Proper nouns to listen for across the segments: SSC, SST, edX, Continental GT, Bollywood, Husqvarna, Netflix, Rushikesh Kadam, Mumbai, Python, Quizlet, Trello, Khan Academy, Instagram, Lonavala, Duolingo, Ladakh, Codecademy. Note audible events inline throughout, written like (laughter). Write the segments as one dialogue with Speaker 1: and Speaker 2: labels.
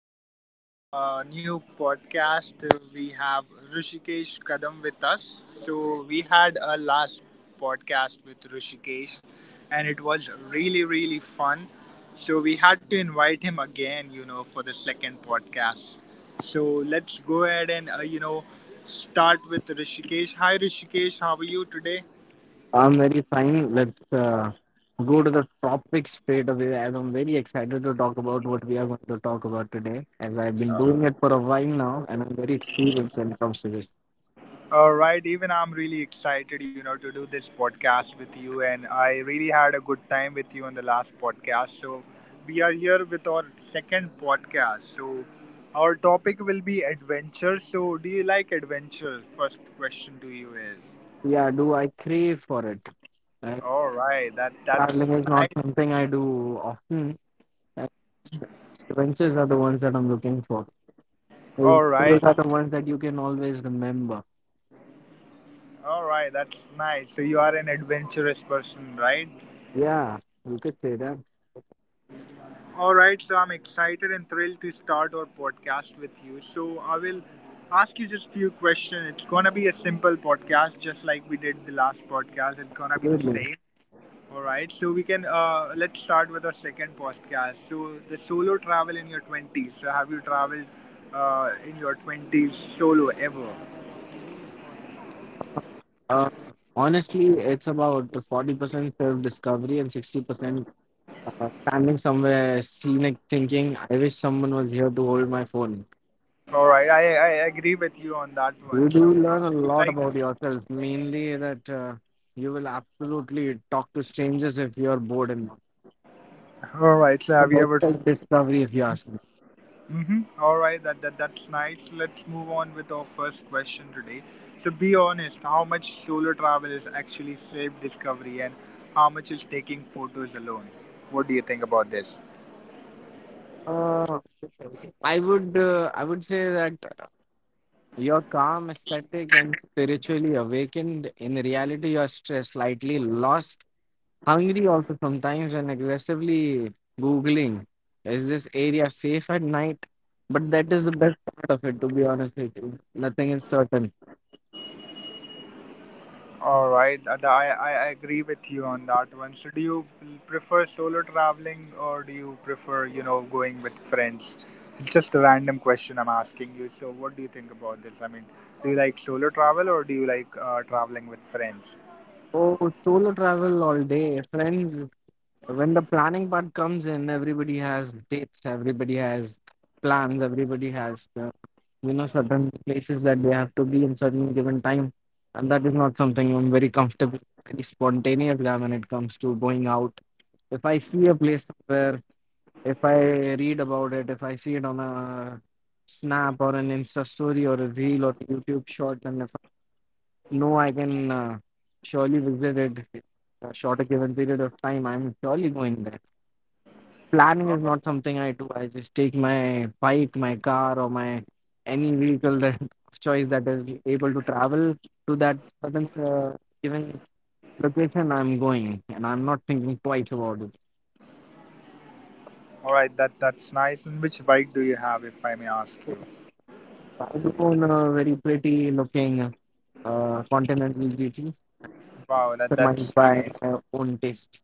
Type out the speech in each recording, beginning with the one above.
Speaker 1: back to our new podcast. We have Rushikesh Kadam with us. So, we had a last podcast with Rushikesh and it was really, really fun. So, we had to invite him again, you know, for the second podcast. So, let's go ahead and, you know, start with Rishikesh. Hi, Rishikesh, how are you today?
Speaker 2: I'm very fine. Let's go to the topic straight away. And I'm very excited to talk about what we are going to talk about today, as I've been doing it for a while now, and I'm very experienced when it comes to this.
Speaker 1: All right, even I'm really excited, you know, to do this podcast with you, and I really had a good time with you on the last podcast. So, we are here with our second podcast. So, our topic will be adventure. So, do you like adventure? First question to you is.
Speaker 2: Yeah, do I crave for it? Uh,
Speaker 1: All right, that's
Speaker 2: Traveling is
Speaker 1: nice.
Speaker 2: not something I do often. And adventures are the ones that I'm looking for. Those
Speaker 1: All right,
Speaker 2: are the ones that you can always remember.
Speaker 1: all right, that's nice. So you are an adventurous person, right?
Speaker 2: Yeah, you could say that.
Speaker 1: All right, so I'm excited and thrilled to start our podcast with you. So I will ask you just few questions. It's gonna be a simple podcast, just like we did the last podcast. It's gonna be the
Speaker 2: Absolutely.
Speaker 1: same. All right, so we can let's start with our second podcast. So the solo travel in your twenties. So have you traveled in your twenties solo ever?
Speaker 2: Uh, Honestly, it's about 40% self discovery and 60% standing somewhere scenic thinking, I wish someone was here to hold my phone.
Speaker 1: All right, I agree with you on that
Speaker 2: You
Speaker 1: one.
Speaker 2: do
Speaker 1: So,
Speaker 2: learn a
Speaker 1: do you
Speaker 2: lot
Speaker 1: like?
Speaker 2: about yourself, mainly that you will absolutely talk to strangers if you're bored and not.
Speaker 1: All right, so
Speaker 2: It's
Speaker 1: have you
Speaker 2: about
Speaker 1: ever.
Speaker 2: self-discovery if you ask me.
Speaker 1: Mm-hmm. All right, that's nice. Let's move on with our first question today. So be honest, how much solo travel is actually safe discovery and how much is taking photos alone? What do you think about this?
Speaker 2: Uh, I would say that you're calm, aesthetic, and spiritually awakened. In reality, you're stressed, slightly lost, hungry also sometimes, and aggressively googling, is this area safe at night? But that is the best part of it. To be honest with you, nothing is certain.
Speaker 1: All right, I agree with you on that one. So do you prefer solo traveling or do you prefer, you know, going with friends? It's just a random question I'm asking you. So what do you think about this? I mean, do you like solo travel or do you like traveling with friends?
Speaker 2: Oh, solo travel all day. Friends, when the planning part comes in, everybody has dates, everybody has plans, everybody has certain places that they have to be in certain given time. And that is not something I'm very comfortable. Very spontaneous guy when it comes to going out. If I see a place somewhere, if I read about it, if I see it on a snap or an Insta story or a reel or YouTube short, and if I know I can surely visit it a shorter given period of time, I'm surely going there. Planning is not something I do. I just take my bike, my car, or my any vehicle that (laughs) of choice that is able to travel to that certain given location. I'm going, and I'm not thinking twice about it.
Speaker 1: All right, that's nice. And which bike do you have, if I may ask you?
Speaker 2: I go on a very pretty looking continental beauty,
Speaker 1: Wow, that
Speaker 2: surmised
Speaker 1: that's
Speaker 2: by
Speaker 1: nice.
Speaker 2: my own taste.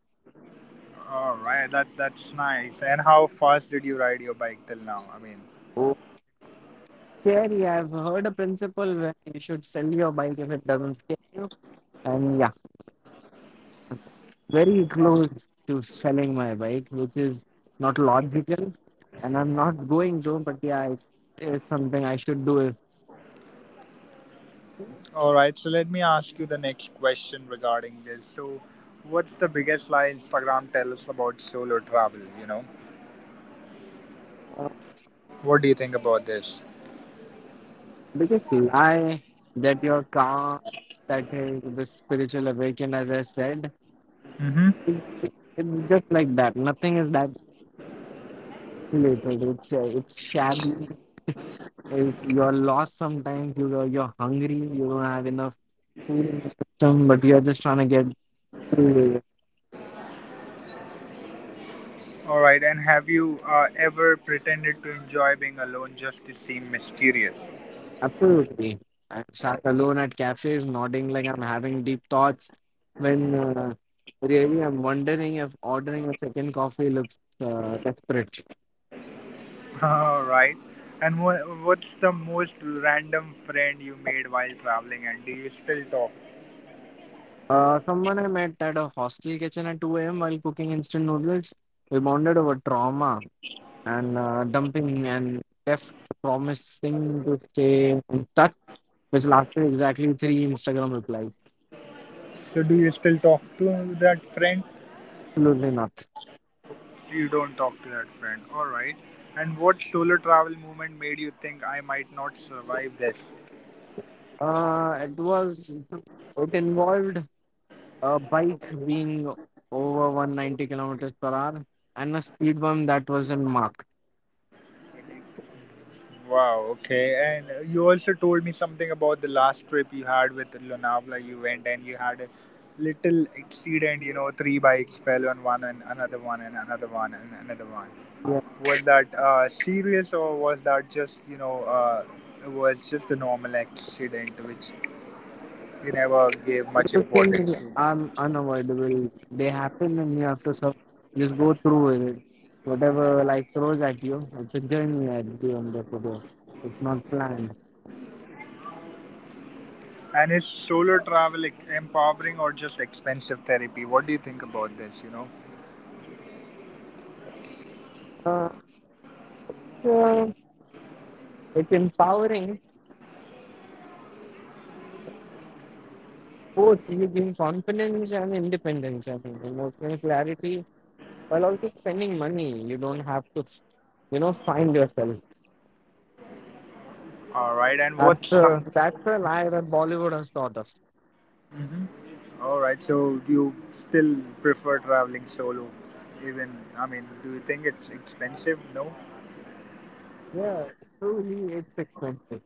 Speaker 1: All right, that's nice. And how fast did you ride your bike till now? I mean,
Speaker 2: Oh, scary. I've heard a principle where you should sell your bike if it doesn't scare you. And yeah, very
Speaker 1: uh,
Speaker 2: close to selling my bike, which is not logical. And I'm not going to, but yeah, it is something I should do if
Speaker 1: all right. So let me ask you the next question regarding this. So, what's the biggest lie Instagram tell us about solo travel? You know,
Speaker 2: uh,
Speaker 1: what do you think about this?
Speaker 2: biggest lie, that your car, that is the spiritual awakening, as I said.
Speaker 1: Mm-hmm.
Speaker 2: It, it's just like that, nothing is that related. It's shabby. If you're lost, sometimes you're hungry, you don't have enough food in the system, but you're just trying to get food.
Speaker 1: All right. And have you ever pretended to enjoy being alone just to seem mysterious?
Speaker 2: Absolutely, I'm sat alone at cafes nodding like I'm having deep thoughts when really I'm wondering if ordering a second coffee looks desperate.
Speaker 1: (laughs) All right. And what's the most random friend you made while traveling, and do you still talk?
Speaker 2: Someone I met at a hostel kitchen at 2 a.m. while cooking instant noodles. We bonded over trauma and dumping and left, promising to stay in touch, which lasted exactly three Instagram replies.
Speaker 1: So, do you still talk to that friend?
Speaker 2: Absolutely not.
Speaker 1: You don't talk to that friend. All right. And what solo travel moment made you think I might not survive this?
Speaker 2: Uh, it was it involved a bike being over 190 kilometers per hour and a speed bump that wasn't marked.
Speaker 1: Wow, okay. And you also told me something about the last trip you had with Lonavala. You went and you had a little accident, you know, three bikes fell on one and another one and another one and another one.
Speaker 2: Yeah,
Speaker 1: Was that serious or was that just, you know, it was just a normal accident which you never gave much
Speaker 2: those
Speaker 1: importance
Speaker 2: things
Speaker 1: to?
Speaker 2: are unavoidable. They happen and you have to just go through with it. Whatever life throws at you, it's a journey at the end of the day. It's not planned.
Speaker 1: And is solo travel like empowering or just expensive therapy? What do you think about this, you know?
Speaker 2: Uh, so it's empowering. Both, you gain confidence and independence, I think, emotional clarity, while also spending money. You don't have to find yourself.
Speaker 1: All right, and what's
Speaker 2: That's
Speaker 1: some.
Speaker 2: a, that's a lie that Bollywood has taught us.
Speaker 1: Mhm. All right, so do you still prefer traveling solo, even, I mean, do you think it's expensive? No.
Speaker 2: Yeah, truly it's expensive.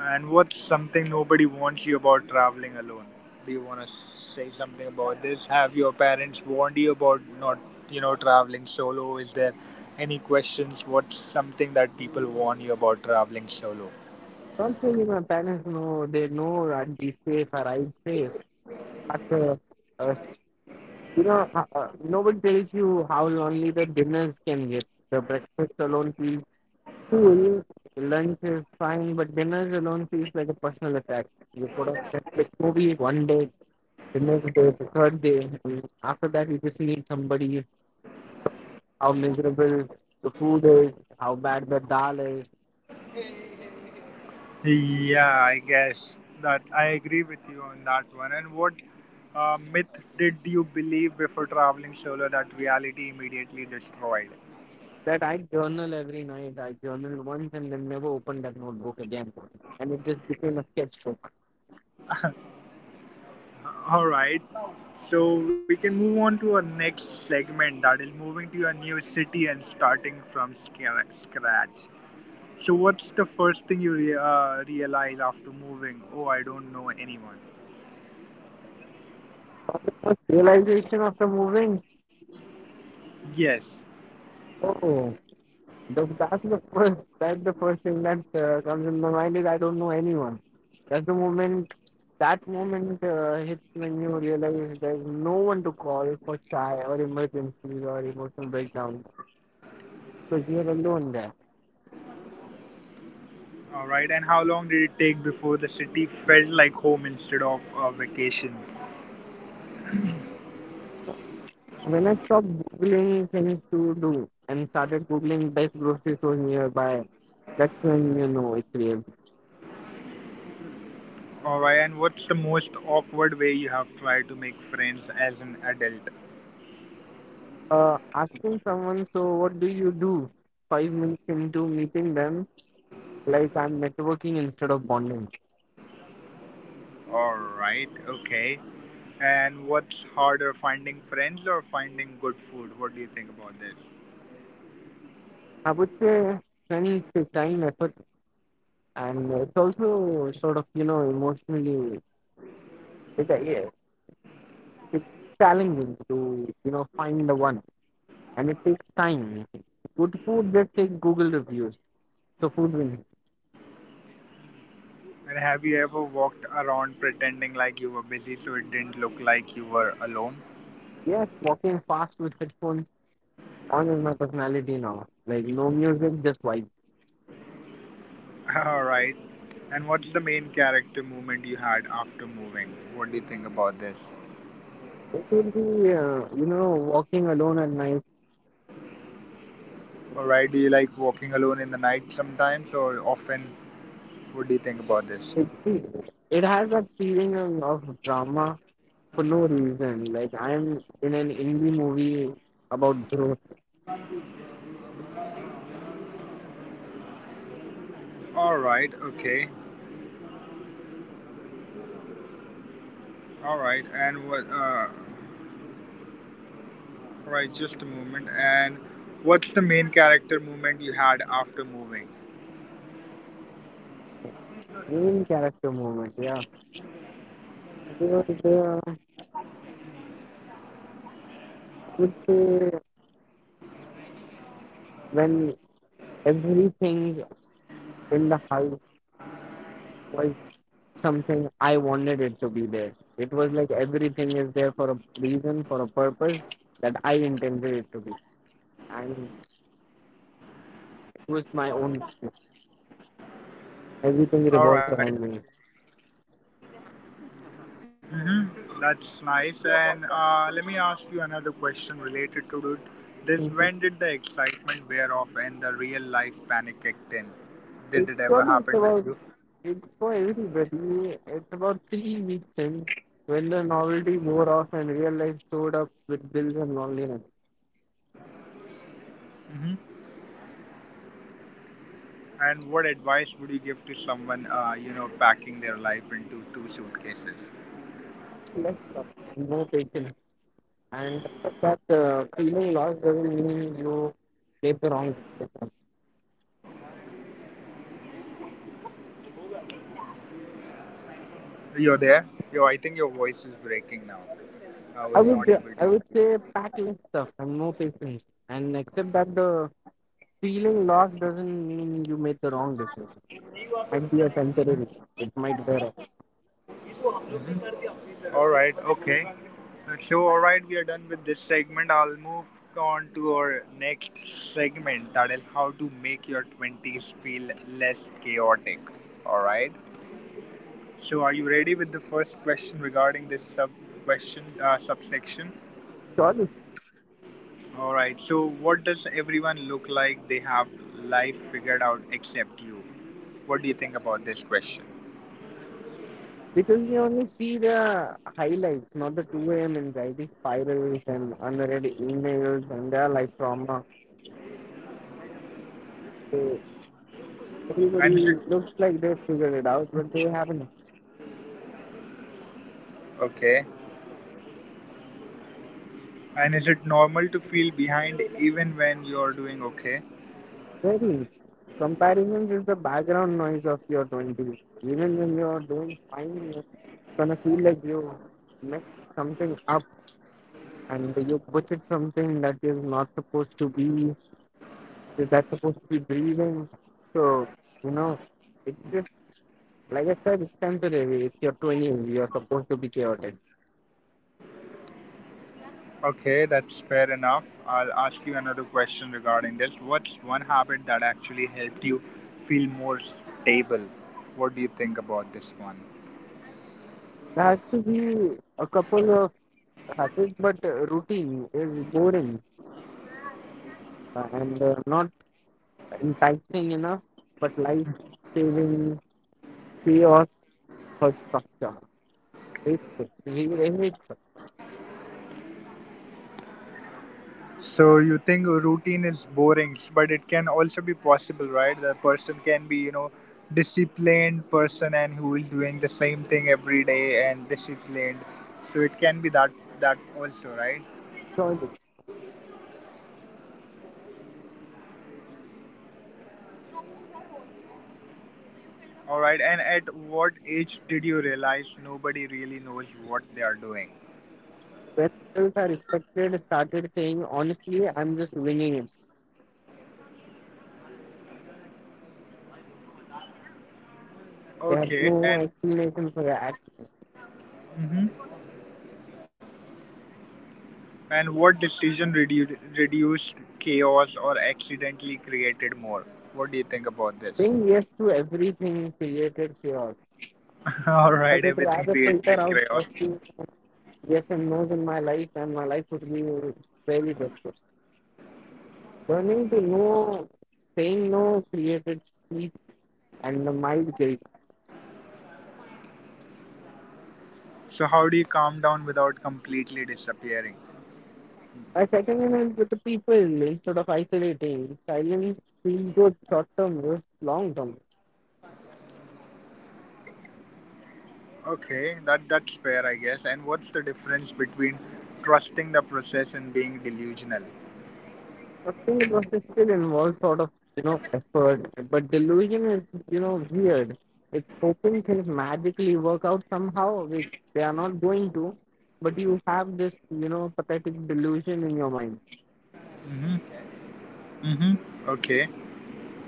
Speaker 1: And what's something nobody warns you about traveling alone? Do you want to say something about this? Have your parents warned you about not, you know, traveling solo? Is there any questions? What's something that people warn you about traveling solo?
Speaker 2: Something my parents know, they know I'd be safe or I'd safe. But, uh, nobody tells you how lonely the dinners can get. The breakfast alone feels school, lunch is fine, but dinners alone feels like a personal attack. You put on a Netflix movie one day, the next day, the third day, and after that you just need somebody to talk how miserable the food is, how bad the dal is.
Speaker 1: Yeah, I guess that I agree with you on that one. And what myth did you believe before traveling solo that reality immediately destroyed?
Speaker 2: That I journal every night. I journaled once and then never opened that notebook again. And it just became a sketchbook.
Speaker 1: All right. So we can move on to our next segment that is moving to a new city and starting from scratch. So what's the first thing you realize after moving? Oh, I don't know anyone.
Speaker 2: First realization after moving.
Speaker 1: Yes.
Speaker 2: Oh. That's the first. That's the first thing that comes in my mind is I don't know anyone. That's the moment. That moment hits when you realize there's no one to call for shy or emergencies or emotional breakdowns. So you're alone there.
Speaker 1: All right. And how long did it take before the city felt like home instead of a vacation?
Speaker 2: When I stopped googling things to do and started googling best grocery stores nearby, that's when you know it's real.
Speaker 1: All right. And what's the most awkward way you have tried to make friends as an adult?
Speaker 2: Asking someone, so what do you do? 5 minutes into meeting them, like I'm networking instead of bonding.
Speaker 1: All right. Okay. And what's harder, finding friends or finding good food? What do you think about this?
Speaker 2: I would say money takes time, effort, and it's also sort of emotionally it, it, it's challenging to find the one, and it takes time. Good food just take Google reviews, so food wins.
Speaker 1: And have you ever walked around pretending like you were busy so it didn't look like you were alone?
Speaker 2: Yes, walking fast with headphones on is my personality now. Like no music, just vibe.
Speaker 1: (laughs) Alright. And what's the main character moment you had after moving? What do you think about this?
Speaker 2: It will be walking alone at night.
Speaker 1: Alright, do you like walking alone in the night sometimes or often? What do you think about this?
Speaker 2: It it has that feeling of drama for no reason. Like I'm in an indie movie about growth.
Speaker 1: Alright, okay. Alright, and what, alright, just a moment. And what's the main character moment you had after moving?
Speaker 2: Main character moment. Yeah, there was the, would say, when everything in the house was something I wanted it to be there. It was like everything is there for a reason, for a purpose that I intended it to be, and it was my own. Everything revolves
Speaker 1: All
Speaker 2: around
Speaker 1: right.
Speaker 2: me.
Speaker 1: Mm-hmm. That's nice. And let me ask you another question related to it. This when did the excitement wear off and the real life panic kicked in?
Speaker 2: It's
Speaker 1: Did it ever
Speaker 2: only it's
Speaker 1: happen with
Speaker 2: about
Speaker 1: you?
Speaker 2: it's for everybody. It's about 3 weeks in when the novelty wore off and real life showed up with bills and loneliness.
Speaker 1: Mm-hmm. And what advice would you give to someone, you know, packing their life into two suitcases?
Speaker 2: Less love, no patience. And that feeling lost doesn't mean you did the wrong.
Speaker 1: You're there. Yo, I think your voice is breaking now. I
Speaker 2: I
Speaker 1: was
Speaker 2: would
Speaker 1: not able
Speaker 2: I
Speaker 1: to.
Speaker 2: would say pack less stuff and no patience. And accept that the feeling lost doesn't mean you made the wrong decision. Might be a temporary.
Speaker 1: Mhm.
Speaker 2: It might wear off.
Speaker 1: Mhm. All right, okay. So, all right, we are done with this segment. I'll move on to our next segment that is how to make your 20s feel less chaotic. All right. So, are you ready with the first question regarding this sub question subsection?
Speaker 2: Surely.
Speaker 1: All right. So, what does everyone look like they have life figured out except you? What do you think about this question?
Speaker 2: Because we only see the highlights, not the 2 a.m. anxiety spirals and unread emails and their life trauma. So everybody
Speaker 1: And is it
Speaker 2: looks like they've figured it out, but they haven't.
Speaker 1: okay? And is it normal to feel behind even when you're doing okay?
Speaker 2: Very. Comparison is the background noise of your 20s. Even when you're doing fine, you're gonna feel like you messed something up and you butchered something that is not supposed to be, that's supposed to be breathing. So, you know, it's like I said, it's temporary. If you're 20, you're supposed to be chaotic.
Speaker 1: Okay, that's fair enough. I'll ask you another question regarding this. What's one habit that actually helped you feel more stable? What do you think about this one?
Speaker 2: There has to be a couple of habits, but routine is boring and not enticing enough. But life saving chaos for structure. It's really
Speaker 1: So you think a routine is boring, but it can also be possible, right? The person can be, you know, disciplined person and who is doing the same thing every day and disciplined. So it can be that that also, right?
Speaker 2: structure.
Speaker 1: All right, and at what age did you realize nobody really knows what they are doing?
Speaker 2: When adults are respected, started saying, honestly, I'm just winging it. They had
Speaker 1: Okay,
Speaker 2: no
Speaker 1: and
Speaker 2: explanation for that.
Speaker 1: mhm. And what decision reduced chaos or accidentally created more? What do you think about this?
Speaker 2: Saying yes to everything created chaos.
Speaker 1: (laughs) All
Speaker 2: I
Speaker 1: right,
Speaker 2: would
Speaker 1: everything
Speaker 2: rather
Speaker 1: created
Speaker 2: filter out
Speaker 1: chaos.
Speaker 2: a few yes and no's in my life, and my life would be very different. Learning to know, saying no created peace and a mild guilt.
Speaker 1: So how do you calm down without completely disappearing?
Speaker 2: By seconding it with the people instead of isolating, silence feels good short term versus long term.
Speaker 1: Okay, that's fair, I guess. And what's the difference between trusting the process and being delusional?
Speaker 2: Trusting the process still involves sort of effort, but delusion is weird. It's hoping things magically work out somehow, which they are not going to. But you have this pathetic delusion in your mind.
Speaker 1: Mm-hmm. Mm-hmm. Okay.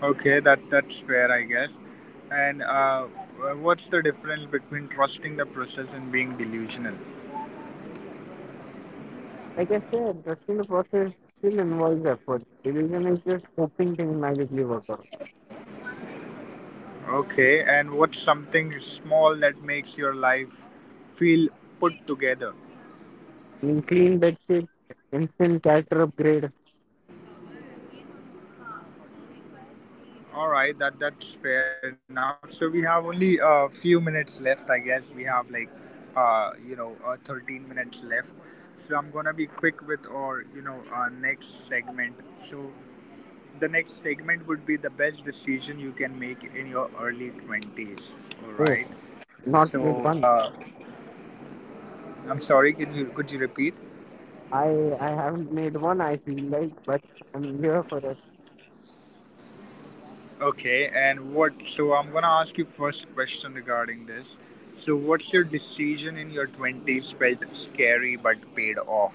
Speaker 1: Okay, that's fair, I guess. And what's the difference between trusting the process and being delusional?
Speaker 2: Like I said, they're still the process, still involves effort. Revision is just hoping things magically work out.
Speaker 1: Okay, and what's something small that makes your life feel put together?
Speaker 2: I mean, clean bed sheet, instant character upgrade.
Speaker 1: All right, that's fair enough. So we have only a few minutes left, I guess. We have like, you know, 13 minutes left. So I'm gonna be quick with our, you know, our next segment. So the next segment would be the best decision you can make in your early 20s. All
Speaker 2: Oh,
Speaker 1: right.
Speaker 2: not made
Speaker 1: So
Speaker 2: one.
Speaker 1: I'm sorry, can you, could you repeat?
Speaker 2: I I haven't made one. I feel like, but I'm here for it.
Speaker 1: Okay, and what, so I'm gonna ask you first question regarding this. So what's your decision in your 20s felt scary but paid off?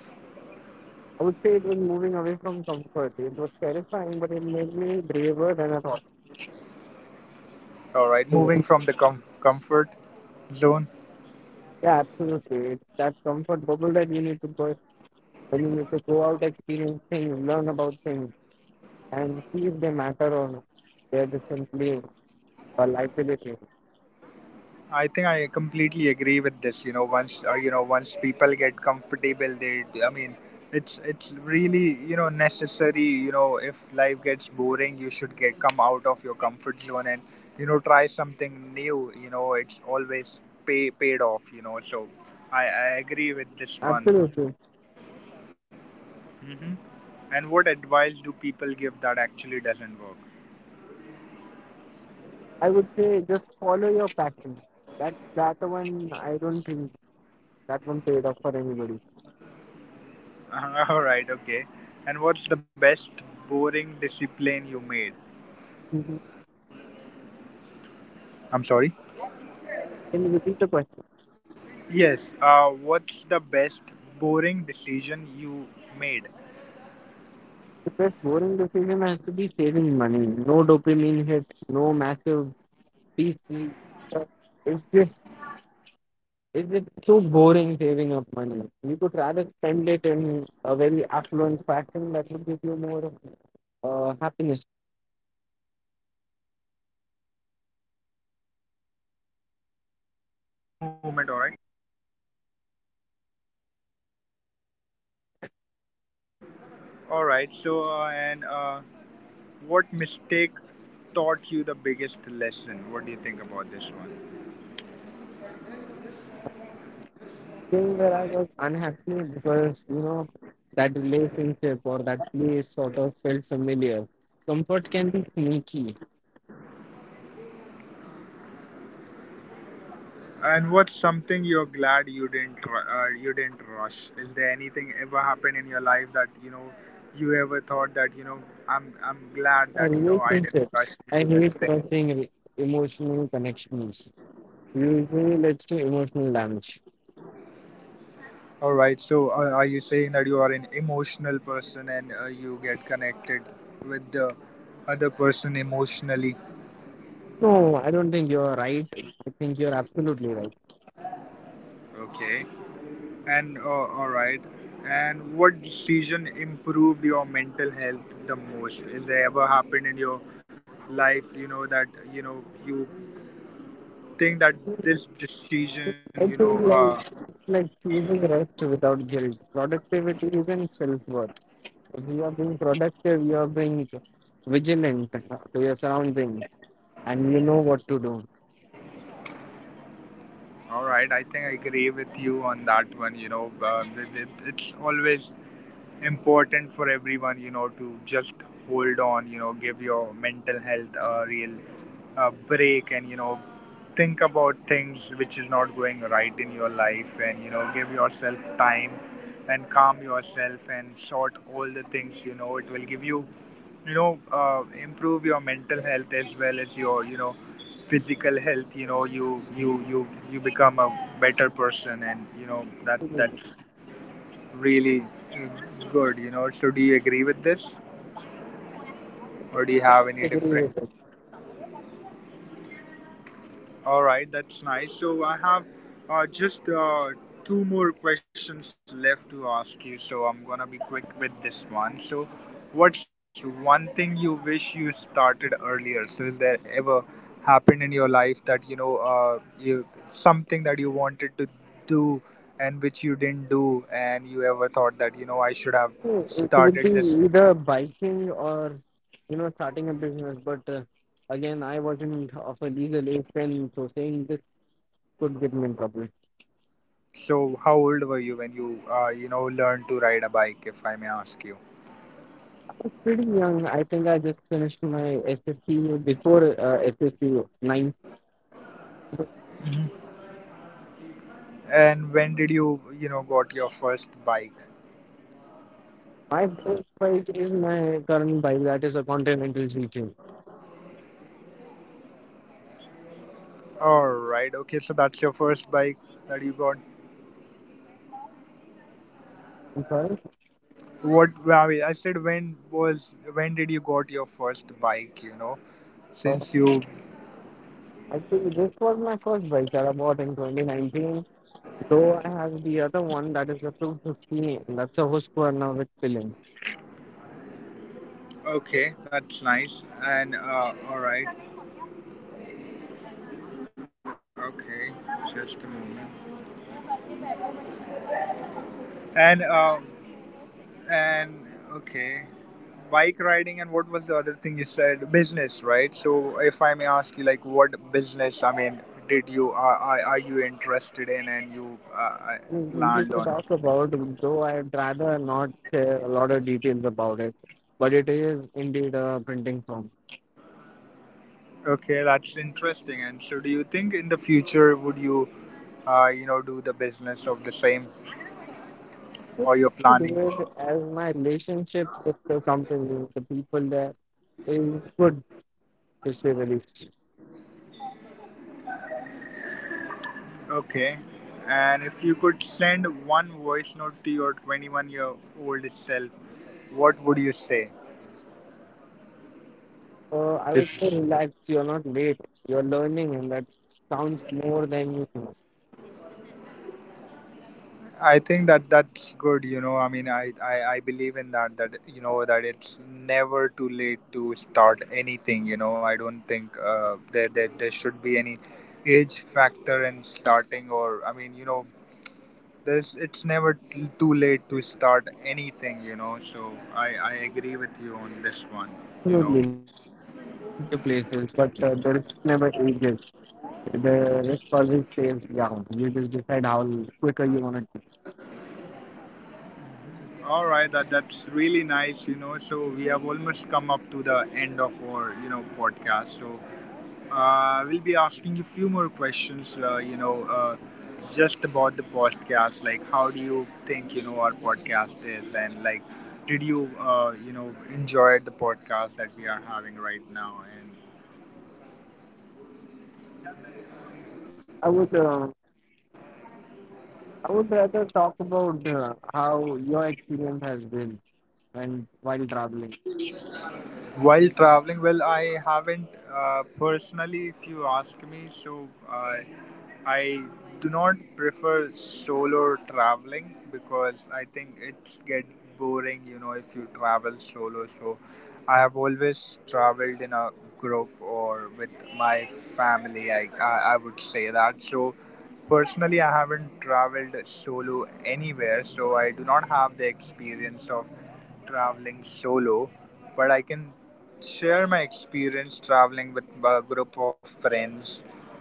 Speaker 2: I would say it was moving away from comfort. It was terrifying, but it made me braver than I thought.
Speaker 1: All right,
Speaker 2: Yeah,
Speaker 1: moving from the comfort zone.
Speaker 2: yeah, absolutely. It's that comfort bubble that you need to burst when you need to go out, experience things, learn about things, and see if they matter or not. They're just simply or liability.
Speaker 1: I think I completely agree with this. You know, once people get comfortable, they. I mean, it's really, you know, necessary. You know, if life gets boring, you should get come out of your comfort zone and you know try something new. You know, it's always pay paid off. You know, so I agree with this one.
Speaker 2: Absolutely.
Speaker 1: Hmm. And what advice do people give that actually doesn't work?
Speaker 2: I would say just follow your passion. That one I don't think that one paid off for anybody.
Speaker 1: (laughs) All right, okay. And what's the best boring discipline you made?
Speaker 2: Mhm.
Speaker 1: I'm sorry.
Speaker 2: Can you repeat the question?
Speaker 1: Yes, what's the best boring decision you made?
Speaker 2: The best boring decision has to be saving money. No dopamine hit, no massive peace. It's just so boring saving up money. You could rather spend it in a very affluent fashion that would give you more happiness.
Speaker 1: Just a moment, alright? Alright, so, and what mistake taught you the biggest lesson? What do you think about this one?
Speaker 2: Thing where I was unhappy because that relationship or that place sort of felt familiar. Comfort can be sneaky.
Speaker 1: And what's something you're glad you didn't you didn't rush? Is there anything ever happened in your life that you know you ever thought that you know I'm glad that you know I didn't
Speaker 2: Relationships.
Speaker 1: rush
Speaker 2: I
Speaker 1: into this
Speaker 2: hate
Speaker 1: thing?
Speaker 2: trusting emotional connections. Usually leads to emotional damage.
Speaker 1: All right. So, are you saying that you are an emotional person and you get connected with the other person emotionally?
Speaker 2: No, I don't think you're right. I think you're absolutely right.
Speaker 1: Okay. And all right. And what decision improved your mental health the most? Is there ever happened in your life, you know, that you know you think that this decision, you know,
Speaker 2: I think like choosing rest without guilt. Productivity isn't self worth. If you are being productive, you are being vigilant to your surroundings and you know what to do.
Speaker 1: all right, I think I agree with you on that one. You know, it's always important for everyone, you know, to just hold on, you know, give your mental health a real break and, you know, think about things which is not going right in your life and, you know, give yourself time and calm yourself and sort all the things, you know, it will give you, improve your mental health as well as your, you know, physical health. You know, you become a better person, and you know that's really good, you know. So, do you agree with this, or do you have any
Speaker 2: Agree
Speaker 1: different?
Speaker 2: with it.
Speaker 1: All right, that's nice. So, I have just two more questions left to ask you. So, I'm gonna be quick with this one. So, what's one thing you wish you started earlier? So, is there ever happened in your life that you know you something that you wanted to do and which you didn't do, and you ever thought that you know I should have
Speaker 2: So it
Speaker 1: started
Speaker 2: would be
Speaker 1: this.
Speaker 2: either biking or starting a business. But again, I wasn't of a legal age then, so saying this could get me in trouble.
Speaker 1: So, how old were you when you, you know, learned to ride a bike, if I may ask you?
Speaker 2: Pretty young, I think I just finished my SST before SSC nine.
Speaker 1: Mhm. And when did you, you know, got your first bike?
Speaker 2: My first bike is my current bike, that is a Continental GT.
Speaker 1: All right, okay, so that's your first bike that you got.
Speaker 2: I'm sorry.
Speaker 1: What? I mean, I said when did you got your first bike? You know,
Speaker 2: Uh,
Speaker 1: since you.
Speaker 2: Actually, this was my first bike that I bought in 2019. So I have the other one that is a 250, that's a Husqvarna with filling.
Speaker 1: Okay, that's nice. And all right, okay, just a moment. And uh, And okay, bike riding, and what was the other thing you said? Business, right? So if I may ask you, like, what business? I mean, did you are you interested in, and you uh,
Speaker 2: We
Speaker 1: planned
Speaker 2: could
Speaker 1: on?
Speaker 2: talk about, though I'd rather not share a lot of details about it, but it is indeed a printing form.
Speaker 1: Okay, that's interesting. And so, do you think in the future would you, you know, do the business of the same,
Speaker 2: What?
Speaker 1: or you're
Speaker 2: I
Speaker 1: planning?
Speaker 2: do it as my relationships with the company, the people there, is good to say the least.
Speaker 1: Okay. And if you could send one voice note to your 21-year-old self, what would you say?
Speaker 2: I would say relax, you're not late, you're learning, and that counts more than you think.
Speaker 1: I think that that's good, you know. I mean, I believe in that that you know that it's never too late to start anything, you know. I don't think there should be any age factor in starting, or I mean, you know, there's it's never t- too late to start anything, you know. So I agree with you on this one, you know.
Speaker 2: Absolutely. Taking a risk would take you places, but the risk never ages. The risk always stays down. You just decide how quicker you want to.
Speaker 1: All right, that's really nice, you know. So we have almost come up to the end of our, you know, podcast. So we'll be asking a few more questions, just about the podcast. Like, how do you think, you know, our podcast is? And, like, did you, you know, enjoy the podcast that we are having right now? And
Speaker 2: I would. I would rather talk about how your experience has been when while traveling.
Speaker 1: while traveling, well, I haven't personally, if you ask me. So, I do not prefer solo traveling because I think it's get boring, you know, if you travel solo. So I have always traveled in a group or with my family. I would say that. So personally, I haven't traveled solo anywhere. So I do not have the experience of traveling solo, but I can share my experience traveling with a group of friends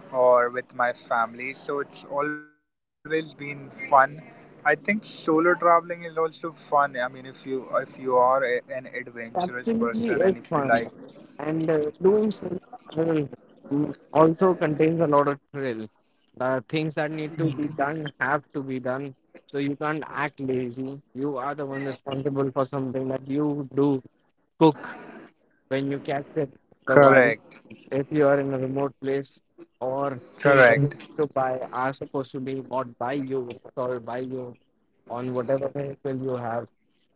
Speaker 1: or with my family. So it's always been fun. I think solo traveling is also fun. I mean, if you are a, an adventurous person, and if
Speaker 2: Absolutely,
Speaker 1: you
Speaker 2: it's
Speaker 1: like,
Speaker 2: fun, and doing solo travel also contains a lot of thrill. The things that need to be done have to be done, so you can't act lazy. You are the one responsible for something that you do cook when you catch it. The wild.
Speaker 1: correct,
Speaker 2: If you are in a remote place or things that you
Speaker 1: correct.
Speaker 2: to buy are supposed to be bought by you or by you on whatever vehicle you have.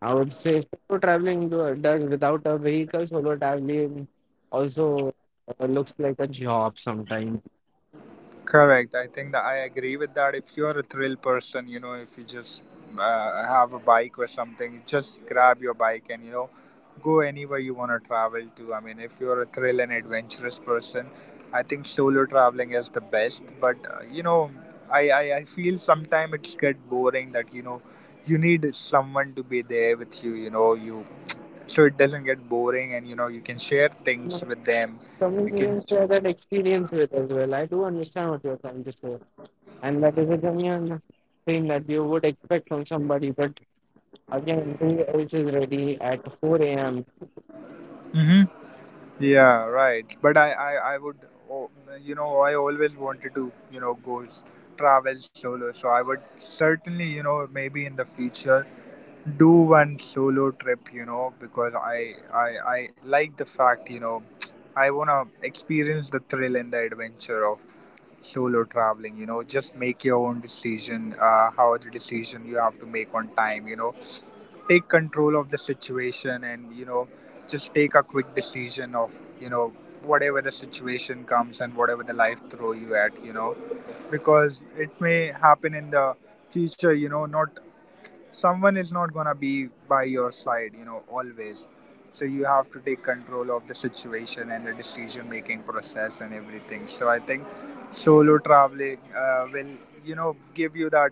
Speaker 2: I would say solo traveling does without a vehicle, solo traveling also looks like a job sometimes.
Speaker 1: Correct. I think that I agree with that. If you're a thrill person, you know, if you just have a bike or something, just grab your bike and, you know, go anywhere you want to travel to. I mean, if you're a thrill and adventurous person, I think solo traveling is the best. But, you know, I feel sometimes it's get boring that, you know, you need someone to be there with you, you know, you, so it doesn't get boring and, you know, you can share things with them. You can.
Speaker 2: Comedians share that experience with as well. I do understand what you're trying to say, and that is a genuine thing that you would expect from somebody. But again, day else is ready at 4 a.m.
Speaker 1: Mhm. Yeah, right. But I would, oh, you know, I always wanted to, you know, travel solo. So I would certainly, you know, maybe in the future do one solo trip, you know, because I like the fact, you know, (tsk) I wanna experience the thrill and the adventure of solo traveling. You know, just make your own decision. How the decision you have to make on time. You know, take control of the situation, and you know, just take a quick decision of, you know, whatever the situation comes, and whatever the life throw you at, you know, because it may happen in the future, you know, not, someone is not gonna be by your side, you know, always. So you have to take control of the situation and the decision making process and everything. So I think solo traveling will, you know, give you that,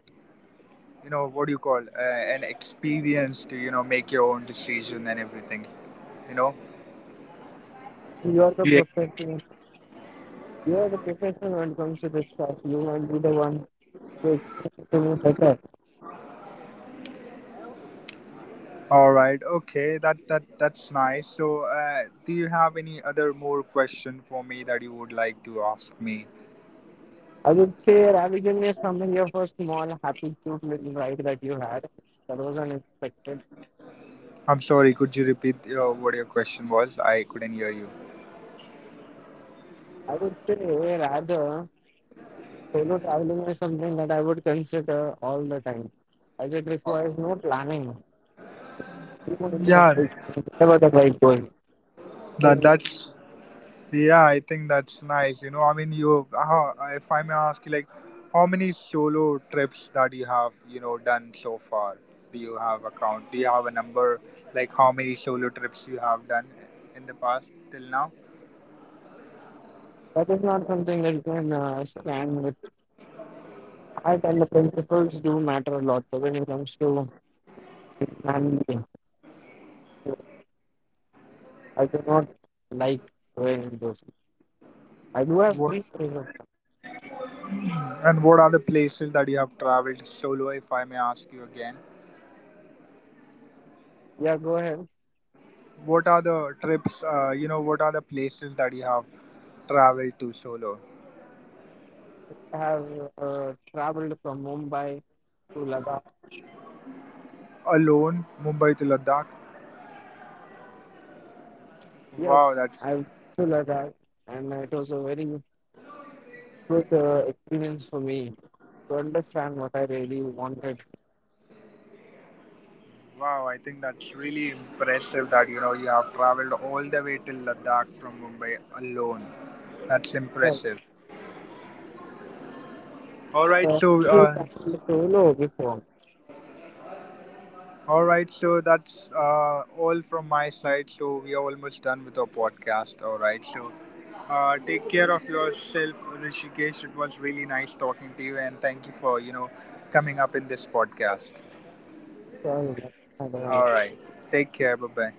Speaker 1: you know, what do you call, an experience to, you know, make your own decision and everything, you know,
Speaker 2: You are the
Speaker 1: yeah.
Speaker 2: professional. You are the professional when it comes to this stuff. You might be the one who explains to me better.
Speaker 1: All right, okay, that's nice. So do you have any other more question for me that you would like to ask me?
Speaker 2: I would say Ravigan is something here for small, happy, cute little ride that you had. That was unexpected.
Speaker 1: I'm sorry, could you repeat what your question was? I couldn't hear you.
Speaker 2: I would say rather solo traveling is something that I would consider all the time, as it requires no planning. You know,
Speaker 1: Yeah,
Speaker 2: you know, Wherever the bike goes.
Speaker 1: that
Speaker 2: So
Speaker 1: that's. Yeah, I think that's nice. You know, I mean, you, how, if I may ask you, like, how many solo trips that you have, you know, done so far? Do you have a count? Do you have a number, like, how many solo trips you have done in the past till now?
Speaker 2: that is not something that you can stand with art and the principles do matter a lot. But when it comes to man, I do not like doing those. I do have free
Speaker 1: What,
Speaker 2: time, though.
Speaker 1: and what are the places that you have traveled solo, if I may ask you again?
Speaker 2: Yeah, go ahead.
Speaker 1: What are the trips, you know, what are the places that you have traveled to solo?
Speaker 2: I have traveled from Mumbai to Ladakh.
Speaker 1: Alone, Mumbai to Ladakh?
Speaker 2: Yeah,
Speaker 1: Wow,
Speaker 2: I've
Speaker 1: that's.
Speaker 2: been to Ladakh, and it was a very good experience for me to understand what I really wanted.
Speaker 1: Wow, I think that's really impressive that you know you have traveled all the way till Ladakh from Mumbai alone. That's
Speaker 2: Uh,
Speaker 1: impressive. All right,
Speaker 2: so,
Speaker 1: so
Speaker 2: I've
Speaker 1: uh,
Speaker 2: traveled solo before.
Speaker 1: all right, so that's all from my side. So we are almost done with our podcast. All right, so take care of yourself, Rishikesh. It was really nice talking to you, and thank you for you know coming up in this podcast.
Speaker 2: So, I don't
Speaker 1: All
Speaker 2: know.
Speaker 1: right, take care. Bye bye.